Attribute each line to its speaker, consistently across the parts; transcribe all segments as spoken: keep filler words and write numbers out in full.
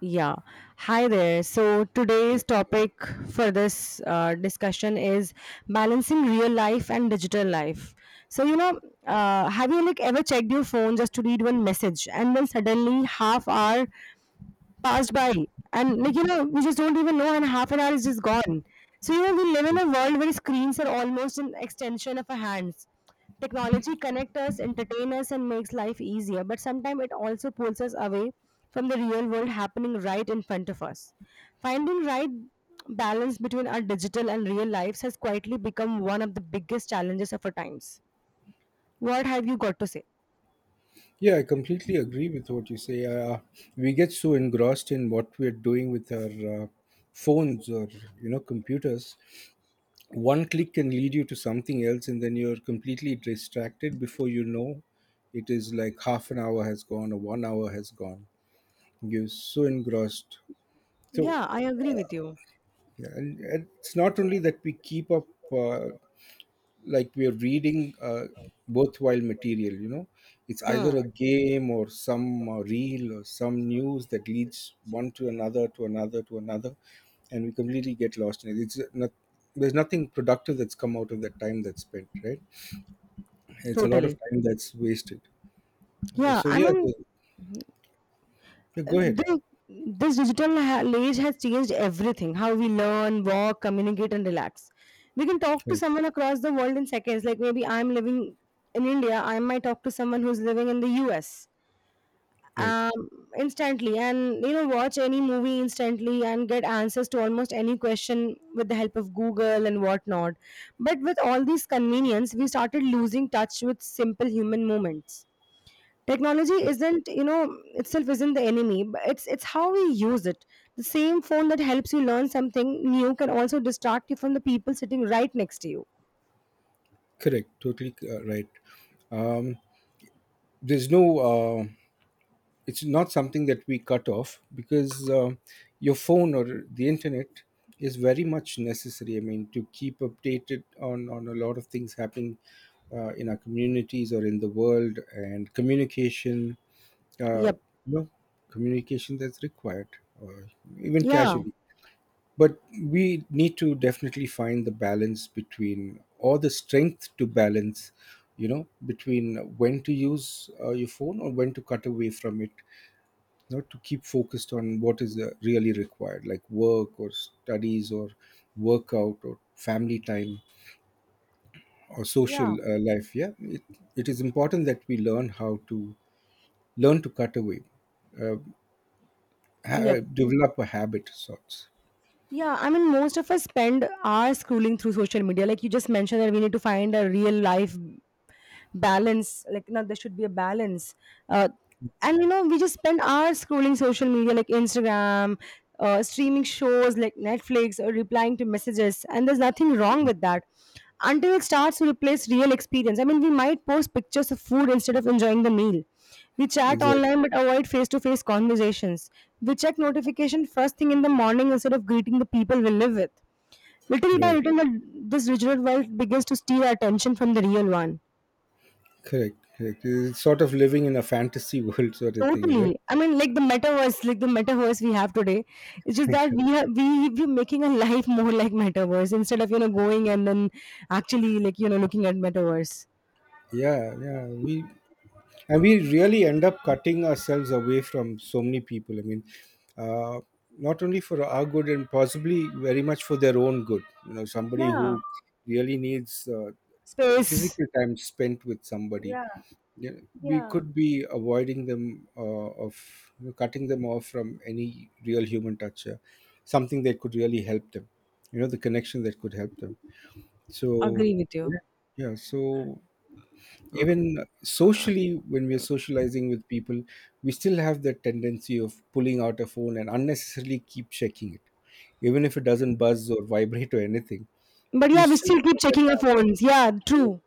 Speaker 1: Yeah. Hi there. So
Speaker 2: Yep.
Speaker 1: today's topic for this uh, discussion is balancing real life and digital life. So you know, uh, have you like ever checked your phone just to read one message, and then suddenly half hour passed by, and like you know we just don't even know, and half an hour is just gone? So you know, we live in a world where screens are almost an extension of our hands. Technology connects us, entertains us, and makes life easier, but sometimes it also pulls us away from the real world happening right in front of us. Finding right balance between our digital and real lives has quietly become one of the biggest challenges of our times. What have you got to say?
Speaker 2: Yeah, I completely agree with what you say. Uh, we get so engrossed in what we're doing with our uh, phones or you know computers. One click can lead you to something else, and then you're completely distracted before you know. It is like half an hour has gone or one hour has gone. You're so engrossed. So,
Speaker 1: Yeah, I agree with you.
Speaker 2: yeah, and, and it's not only that we keep up. Uh, like we are reading uh, worthwhile material you know It's either
Speaker 1: Hmm.
Speaker 2: a game or some uh, reel or some news that leads one to another to another to another, and we completely get lost in it. It's not, there's nothing productive that's come out of that time that's spent, right? It's a lot of
Speaker 1: Totally.
Speaker 2: time that's wasted. Uh,
Speaker 1: Yeah.
Speaker 2: so
Speaker 1: I
Speaker 2: yeah, the,
Speaker 1: mean,
Speaker 2: yeah,
Speaker 1: uh,
Speaker 2: go ahead.
Speaker 1: the, this digital ha- age has changed everything, how we learn, walk, communicate, and relax. We can talk to
Speaker 2: Right,
Speaker 1: someone across the world in seconds. Like maybe I'm living in India, I might talk to someone who's living in the U S.
Speaker 2: right.
Speaker 1: um Instantly, and you know, watch any movie instantly and get answers to almost any question with the help of Google and whatnot. But with all these convenience, we started losing touch with simple human moments. Technology
Speaker 2: Uh,
Speaker 1: isn't, you know, itself isn't the enemy, but it's it's how we use it. The same phone that helps you learn something new can also distract you from the people sitting right next to you.
Speaker 2: Correct, totally, uh, right. um, there's no, uh, it's not something that we cut off, because uh, your phone or the internet is very much necessary. I mean, to keep updated on, on a lot of things happening uh, in our communities or in the world, and communication, uh, you
Speaker 1: Yep.
Speaker 2: know, communication that's required, or even
Speaker 1: Yeah,
Speaker 2: casually. But we need to definitely find the balance between, or the strength to balance, you know, between when to use uh, your phone or when to cut away from it, not to keep focused on what is uh, really required, like work or studies or workout or family time or social
Speaker 1: yeah.
Speaker 2: uh, life. Yeah, it, it is important that we learn how to learn to cut away, uh, ha- uh,
Speaker 1: Yep.
Speaker 2: develop a habit of sorts.
Speaker 1: Yeah, I mean, most of us spend hours scrolling through social media. Like you just mentioned, that we need to find a real life balance. Like, no, there should be a balance. Uh, and you know, we just spend hours scrolling social media, like Instagram, uh, streaming shows like Netflix, or replying to messages. And there's nothing wrong with that until it starts to replace real experience. I mean, we might post pictures of food instead of enjoying the meal. We chat
Speaker 2: Exactly.
Speaker 1: online but avoid face to face conversations. We check notification first thing in the morning instead of greeting the people we live with. Little by
Speaker 2: Right.
Speaker 1: little, the- this digital world begins to steal our attention from the real one.
Speaker 2: Correct, correct. It's sort of living in a fantasy world, sort of thing, right?
Speaker 1: Totally. I mean, like the metaverse, like the metaverse we have today. It's just that we have we we're making a life more like metaverse, instead of, you know, going and then actually, like you know, looking at metaverse.
Speaker 2: Yeah, yeah, we and we really end up cutting ourselves away from so many people, I mean, uh, not only for our good and possibly very much for their own good, you know somebody
Speaker 1: Yeah,
Speaker 2: who really needs uh,
Speaker 1: space.
Speaker 2: physical time spent with somebody you we
Speaker 1: Yeah.
Speaker 2: could be avoiding them, uh, of you know, cutting them off from any real human touch here, something that could really help them, you know the connection that could help them, so
Speaker 1: Agree with you.
Speaker 2: yeah. Yeah, so even socially when we're socializing with people, we still have the tendency of pulling out a phone and unnecessarily keep checking it, even if it doesn't buzz or vibrate or anything.
Speaker 1: But
Speaker 2: We
Speaker 1: yeah, we
Speaker 2: still
Speaker 1: still keep
Speaker 2: have that
Speaker 1: checking our phones. Yeah,
Speaker 2: habit.
Speaker 1: true.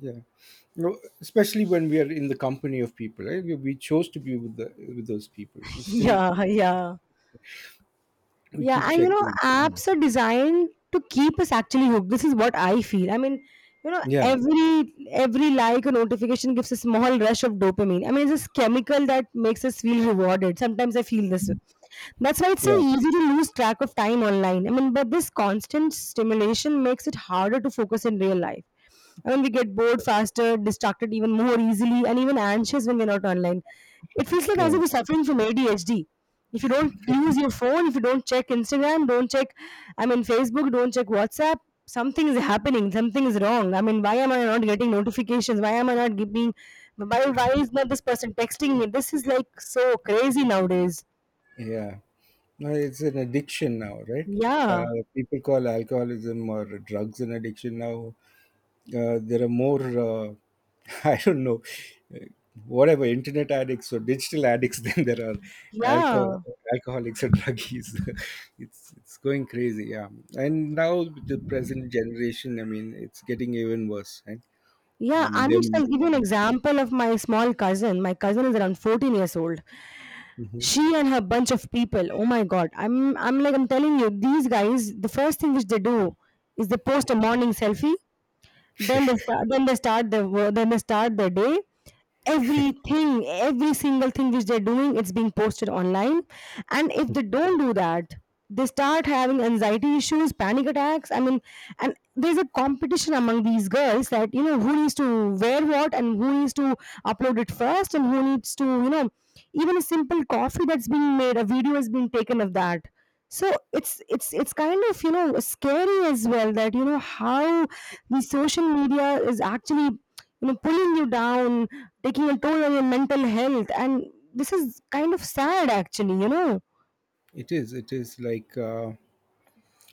Speaker 2: Yeah. No, especially when we are in the company of people, right? we we chose to be with the with those people, and still
Speaker 1: Yeah, yeah.
Speaker 2: we keep
Speaker 1: Yeah, and you know,
Speaker 2: checking. Mm.
Speaker 1: apps are designed to keep us actually hooked. This is what I feel. I mean, you know,
Speaker 2: Yeah,
Speaker 1: every every like or notification gives a small rush of dopamine. I mean, it's this chemical that makes us feel rewarded. Sometimes I feel this way. That's why it's so
Speaker 2: yeah,
Speaker 1: easy to lose track of time online. I mean, but this constant stimulation makes it harder to focus in real life. I mean, we get bored faster, distracted even more easily, and even anxious when we're not online. It feels like as
Speaker 2: yeah,
Speaker 1: if we're suffering from A D H D. If you don't use your phone, if you don't check Instagram, don't check, I mean, Facebook, don't check WhatsApp, something is happening, something is wrong. I mean, why am I not getting notifications? Why am I not getting? why, why is not this person texting me? This is like so crazy nowadays.
Speaker 2: yeah. No, it's an addiction now, right?
Speaker 1: Yeah,
Speaker 2: Uh, people call alcoholism or drugs an addiction now. Uh, there are more, uh, I don't know, uh, whatever, internet addicts or digital addicts than there are alcohol
Speaker 1: yeah,
Speaker 2: alcoholics or druggies. it's it's going crazy, yeah. And now with the present generation, I mean, it's getting even worse, right?
Speaker 1: yeah.
Speaker 2: Um
Speaker 1: I mean,
Speaker 2: them.
Speaker 1: I'll give you an example of my small cousin. My cousin is around fourteen years old.
Speaker 2: Mhm.
Speaker 1: She and her bunch of people, oh my god, i'm i'm like, I'm telling you, these guys, the first thing which they do is they post a morning selfie, then they start. Then they start the. Wo- Then they start the day. Everything, every single thing which they're doing, it's being posted online. And if they don't do that, they start having anxiety issues, panic attacks. I mean, and there's a competition among these girls that, you know, who needs to wear what, and who needs to upload it first, and who needs to, you know, even a simple coffee that's being made, a video has been taken of that. So it's it's it's kind of, you know, scary as well that, you know, how the social media is actually, you know, pulling you down, taking a toll on your mental health, and this is kind of sad actually, you know.
Speaker 2: It is it is like, uh,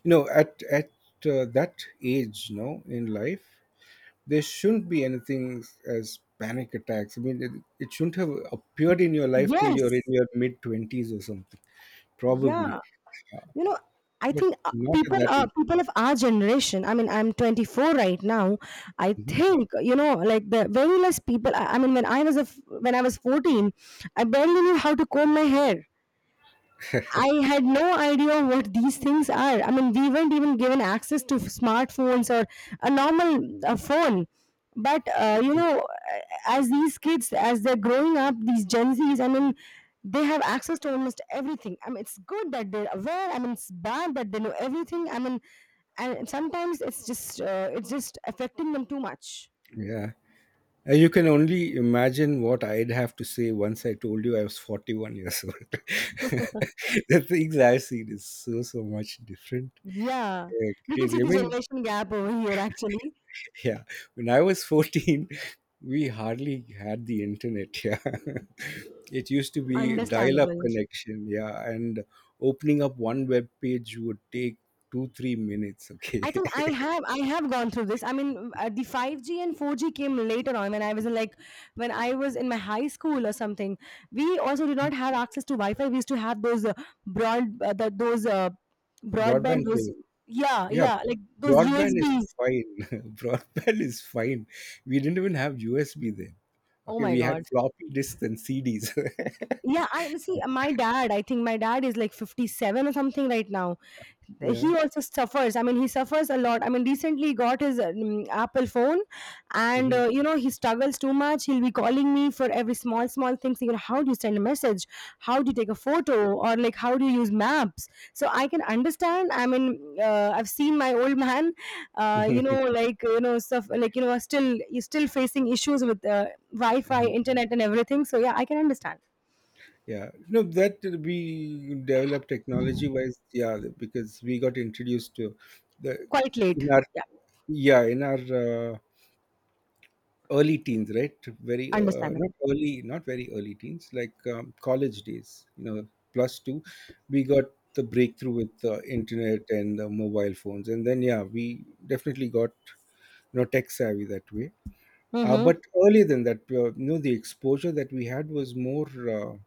Speaker 2: you know at at uh, that age, you know in life, there shouldn't be anything as panic attacks. I mean, it, it shouldn't have appeared in your life till you're in
Speaker 1: Yes.
Speaker 2: your mid twenties or something, probably,
Speaker 1: Yeah. You know. I
Speaker 2: but
Speaker 1: think uh,
Speaker 2: not at
Speaker 1: people
Speaker 2: that age.
Speaker 1: are people of our generation. I mean, I'm twenty-four right now. I
Speaker 2: Mhm.
Speaker 1: think, you know, like the very less people. I, I mean, when I was a f when I was fourteen, I barely knew how to comb my hair. I had no idea what these things are. I mean, we weren't even given access to smartphones or a normal uh, phone. But uh, you know, uh, as these kids, as they're growing up, these Gen Zs, I mean, they have access to almost everything. I mean, it's good that they're aware. I mean, it's bad that they know everything. I mean, and sometimes it's just uh, it's just affecting them too much.
Speaker 2: Yeah. And you can only imagine what I'd have to say once I told you I was forty-one years old. The things I've seen is so, so much different.
Speaker 1: Yeah,
Speaker 2: Uh,
Speaker 1: we can see
Speaker 2: crazy. I
Speaker 1: the
Speaker 2: mean,
Speaker 1: generation gap over here. Actually,
Speaker 2: yeah, when I was fourteen, we hardly had the internet. Yeah, it used to be dial up
Speaker 1: understandable.
Speaker 2: connection. Yeah, and opening up one web page would take two three minutes.
Speaker 1: I
Speaker 2: Okay,
Speaker 1: think I have I have gone through this. I mean, uh, the five G and four G came later on when I was in like when I was in my high school or something. We also did not have access to Wi-Fi. We used to have those uh, broad uh, the, those uh,
Speaker 2: broadband
Speaker 1: broadband, those,
Speaker 2: cable.
Speaker 1: yeah,
Speaker 2: Yeah,
Speaker 1: yeah, like those
Speaker 2: broadband is
Speaker 1: U S Bs.
Speaker 2: fine. Broadband is fine. We didn't even have U S B then.
Speaker 1: Oh
Speaker 2: Okay,
Speaker 1: my
Speaker 2: we had
Speaker 1: god!
Speaker 2: floppy disks and C Ds.
Speaker 1: Yeah, I see. My dad, I think my dad is like fifty-seven or something right now. He
Speaker 2: Yeah.
Speaker 1: also suffers. I mean, he suffers a lot. I mean, recently he got his um, Apple phone, and
Speaker 2: Mhm.
Speaker 1: uh, you know, he struggles too much. He'll be calling me for every small, small thing. Saying, "How do you send a message? How do you take a photo? Or like, how do you use maps?" So I can understand. I mean, uh, I've seen my old man. Uh, you know, like you know, stuff like, you know, still he's still facing issues with uh, Wi-Fi, internet, and everything. So yeah, I can understand.
Speaker 2: Yeah, no, that we developed technology wise, yeah, because we got introduced to the
Speaker 1: Quite
Speaker 2: in
Speaker 1: late.
Speaker 2: our
Speaker 1: Yeah.
Speaker 2: yeah in our uh, early teens, right? Very, uh, not
Speaker 1: Understandable.
Speaker 2: early, not very early teens, like, um, college days. You know, plus two, we got the breakthrough with the internet and the mobile phones, and then yeah, we definitely got you know tech savvy that way. Uh,
Speaker 1: Mhm.
Speaker 2: but earlier than that, uh, you know, the exposure that we had was more. Uh,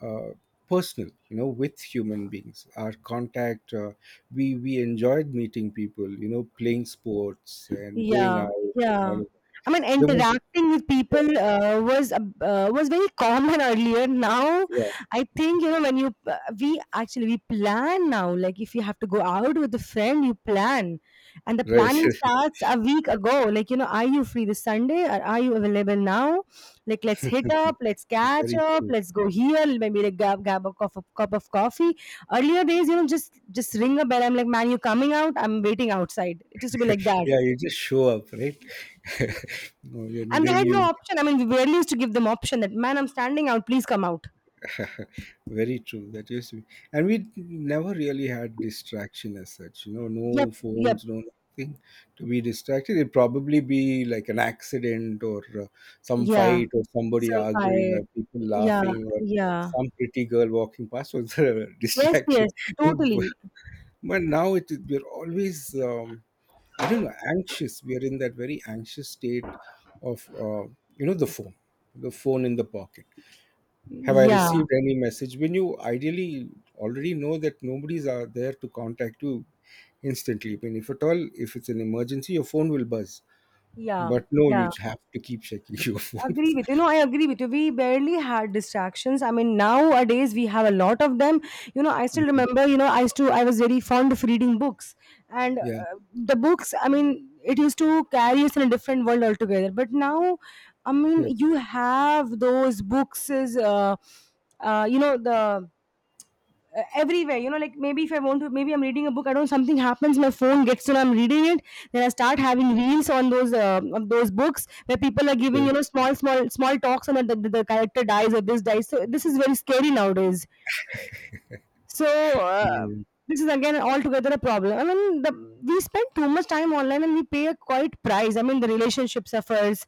Speaker 2: uh, Personal, you know with human beings, our contact, uh, we we enjoyed meeting people, you know playing sports and going
Speaker 1: Yeah,
Speaker 2: out and all
Speaker 1: yeah.
Speaker 2: of that.
Speaker 1: I mean,
Speaker 2: There was
Speaker 1: interacting with
Speaker 2: Yeah,
Speaker 1: people uh, was a- uh, was very common earlier. Now,
Speaker 2: yeah,
Speaker 1: I think, you know, when you uh, we actually we plan now. Like if you have to go out with a friend, you plan, and the
Speaker 2: right.
Speaker 1: planning starts a week ago. Like, you know, are you free this Sunday? Or are you available now? Like, let's hit up, let's catch
Speaker 2: Very
Speaker 1: up,
Speaker 2: true.
Speaker 1: let's go here. Maybe like grab grab a cup of, cup of coffee. Earlier days, you know, just just ring a bell. I'm like, man, you coming out? I'm waiting outside. It used to be like that,
Speaker 2: Yeah, you just show up, right? No, and
Speaker 1: and they
Speaker 2: then
Speaker 1: had no
Speaker 2: you...
Speaker 1: option. I mean, we barely used to give them option that, man, I'm standing out. Please come out.
Speaker 2: Very true. That used to be, and we never really had distraction as such. You know, no
Speaker 1: Yep. Yep.
Speaker 2: phones, no nothing to be distracted. It'd probably be like an accident or uh, some
Speaker 1: Yeah.
Speaker 2: fight or somebody
Speaker 1: Some
Speaker 2: arguing
Speaker 1: fight.
Speaker 2: or people
Speaker 1: Yeah.
Speaker 2: laughing or
Speaker 1: Yeah.
Speaker 2: some pretty girl walking past was a
Speaker 1: Yes.
Speaker 2: distraction.
Speaker 1: Yes. Totally.
Speaker 2: But now it we're always, um, I don't know, anxious. We are in that very anxious state of, uh, you know, the phone, the phone in the pocket. Have I
Speaker 1: Yeah.
Speaker 2: received any message? When you ideally already know that nobody's are there to contact you instantly. I mean, if at all, if it's an emergency, your phone will buzz.
Speaker 1: Yeah.
Speaker 2: But no, you
Speaker 1: Yeah.
Speaker 2: have to keep checking your phone.
Speaker 1: Agree with you. No, I agree with you. We barely had distractions. I mean, nowadays we have a lot of them. You know, I still
Speaker 2: Mhm.
Speaker 1: remember. You know, I used to. I was very fond of reading books, and
Speaker 2: Yeah.
Speaker 1: uh, the books. I mean, it used to carry us in a different world altogether. But now, I mean,
Speaker 2: Yes.
Speaker 1: you have those books. Is uh, uh, You know, the uh, everywhere, you know, like maybe if I want to, maybe I'm reading a book, I don't, something happens, my phone gets to know I'm reading it, then I start having reels on those uh, on those books, where people are giving,
Speaker 2: Okay.
Speaker 1: you know, small small small talks, and that the, the character dies or this dies, so this is very scary nowadays. So, uh,
Speaker 2: Yeah.
Speaker 1: this is again altogether a problem. I mean, the, we spend too much time online and we pay a quite price. I mean, the relationship suffers.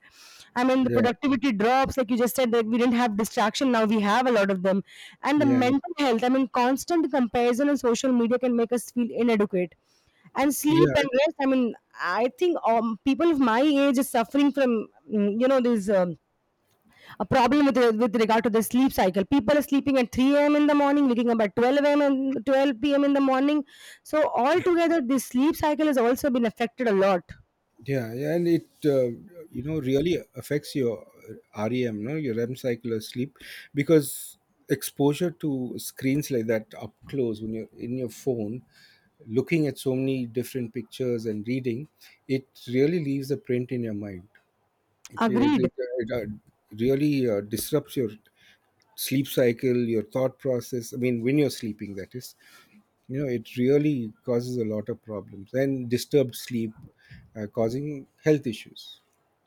Speaker 1: I mean, the
Speaker 2: Yeah.
Speaker 1: productivity drops. Like you just said, that we didn't have distraction. Now we have a lot of them. And the
Speaker 2: Yeah.
Speaker 1: mental health, I mean, constant comparison on social media can make us feel inadequate. And
Speaker 2: Yeah.
Speaker 1: sleep and rest, I mean, I think um, people of my age is suffering from, mm, you know, these. Um, a problem with with regard to the sleep cycle. People are sleeping at three a m in the morning, waking up at twelve a m and twelve p m in the morning. So altogether, this sleep cycle has also been affected a lot.
Speaker 2: Yeah. Yeah. And it, uh, you know, really affects your REM, no, your REM cycle of sleep, because exposure to screens like that up close, when you're in your phone looking at so many different pictures and reading, it really leaves a print in your mind. Okay, it, it,
Speaker 1: Agreed.
Speaker 2: it, uh, really uh, disrupts your sleep cycle, your thought process. I mean, when you're sleeping, that is, you know, it really causes a lot of problems and disturbed sleep, uh, causing health issues.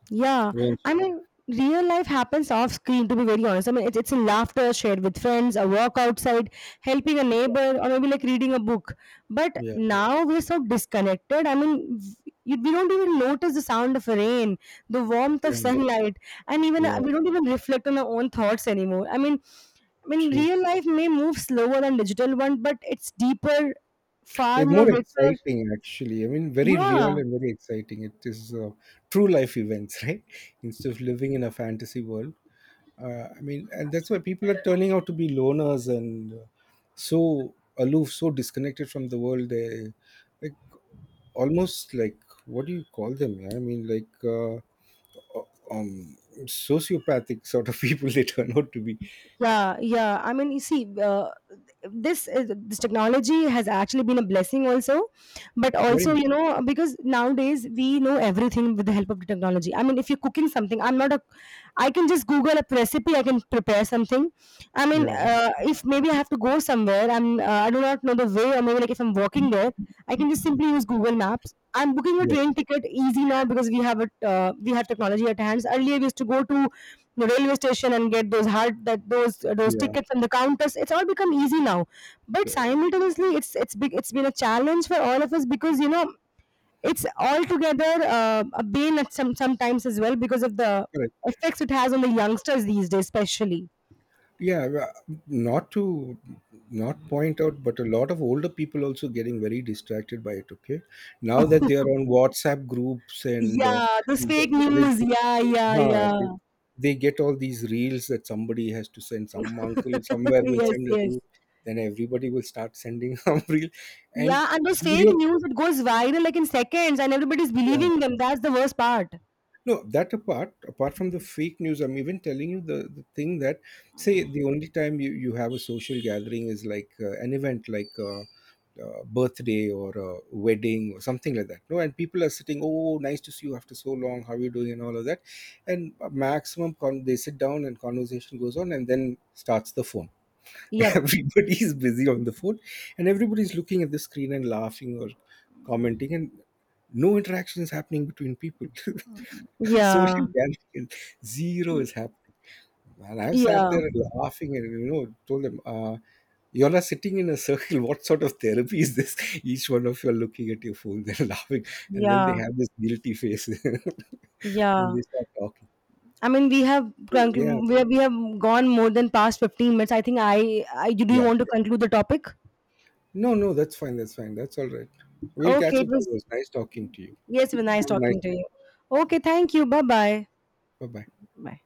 Speaker 1: Yeah, I
Speaker 2: Eventually.
Speaker 1: mean, real life happens off screen. To be very honest, I mean, it's it's in laughter shared with friends, a walk outside, helping a neighbor, or maybe like reading a book. But
Speaker 2: Yeah,
Speaker 1: now we're so disconnected. I mean, v- you, we don't even notice the sound of rain, the warmth
Speaker 2: yeah,
Speaker 1: of sunlight, and even uh,
Speaker 2: yeah,
Speaker 1: we don't even reflect on our own thoughts anymore. I mean, I mean,
Speaker 2: true.
Speaker 1: real life may move slower than digital one, but it's deeper, far
Speaker 2: It's more
Speaker 1: more richer.
Speaker 2: exciting, actually. I mean, very real
Speaker 1: Yeah.
Speaker 2: and very exciting. It is, uh, true life events, right? Instead of living in a fantasy world. Uh, I mean, and that's why people are turning out to be loners and, uh, so aloof, so disconnected from the world. They, like, almost like, what do you call them? Yeah? I mean, like, uh, um, sociopathic sort of people they turn out to be.
Speaker 1: Yeah, yeah, I mean, you see, uh, this is, this technology has actually been a blessing also, but
Speaker 2: Very
Speaker 1: also,
Speaker 2: much.
Speaker 1: you know, because nowadays we know everything with the help of the technology. I mean, if you're cooking something, I'm not a I can just google a recipe, I can prepare something. I mean,
Speaker 2: Yeah,
Speaker 1: uh, if maybe I have to go somewhere, i'm uh, I do not know the way, or maybe like if I'm walking there, I can just simply use Google Maps. I'm booking a
Speaker 2: yeah,
Speaker 1: train ticket easy now, because we have a uh, we have technology at hands. Earlier we used to go to the railway station and get those hard, that those uh, those
Speaker 2: yeah.
Speaker 1: tickets, and the counters. It's all become easy now. But simultaneously, it's it's big it's been a challenge for all of us, because, you know, it's altogether uh, a bane at some sometimes as well, because of the
Speaker 2: Correct.
Speaker 1: effects it has on the youngsters these days, especially.
Speaker 2: Yeah, well, not to not point out, but a lot of older people also getting very distracted by it. Okay, now that they are on WhatsApp groups, and uh,
Speaker 1: Yeah, those fake
Speaker 2: they
Speaker 1: news. Yeah, yeah,
Speaker 2: Huh,
Speaker 1: yeah.
Speaker 2: they, they get all these reels that somebody has to send. Some uncle somewhere will
Speaker 1: Yes,
Speaker 2: send a
Speaker 1: yes.
Speaker 2: reel, then everybody will start sending some reel. And
Speaker 1: Yeah, and those fake
Speaker 2: you're,
Speaker 1: news, it goes viral like in seconds, and everybody's
Speaker 2: yeah.
Speaker 1: believing them. That's the worst part.
Speaker 2: No, that apart, apart from the fake news, I'm even telling you, the, the thing that, say, the only time you, you have a social gathering is like, uh, an event, like, uh, uh, birthday or a wedding or something like that. No, and people are sitting, oh, nice to see you after so long, how are you doing, and all of that. And maximum, con- they sit down and conversation goes on, and then starts the phone.
Speaker 1: Yep.
Speaker 2: Everybody is busy on the phone, and everybody's looking at the screen and laughing or commenting, and no interaction is happening between people. Social
Speaker 1: Yeah,
Speaker 2: gathering, zero is happening. And I've sat
Speaker 1: yeah,
Speaker 2: there laughing, and you know told them, uh, you're sitting in a circle. What sort of therapy is this? Each one of you are looking at your phones and laughing, and then they
Speaker 1: yeah.
Speaker 2: have this guilty face and
Speaker 1: Yeah.
Speaker 2: they start talking.
Speaker 1: I mean, we have
Speaker 2: But yeah,
Speaker 1: conclu- we have, we have gone more than past fifteen minutes. I think I, I do you
Speaker 2: yeah,
Speaker 1: want to
Speaker 2: yeah.
Speaker 1: conclude the topic?
Speaker 2: No, no, that's fine. That's fine. That's all right. We'll
Speaker 1: Okay,
Speaker 2: catch
Speaker 1: it
Speaker 2: up. It
Speaker 1: was
Speaker 2: was nice talking to you.
Speaker 1: yes, it was nice
Speaker 2: Have a nice
Speaker 1: talking to
Speaker 2: day.
Speaker 1: you. Okay, thank you. Bye bye.
Speaker 2: Bye bye.
Speaker 1: Bye.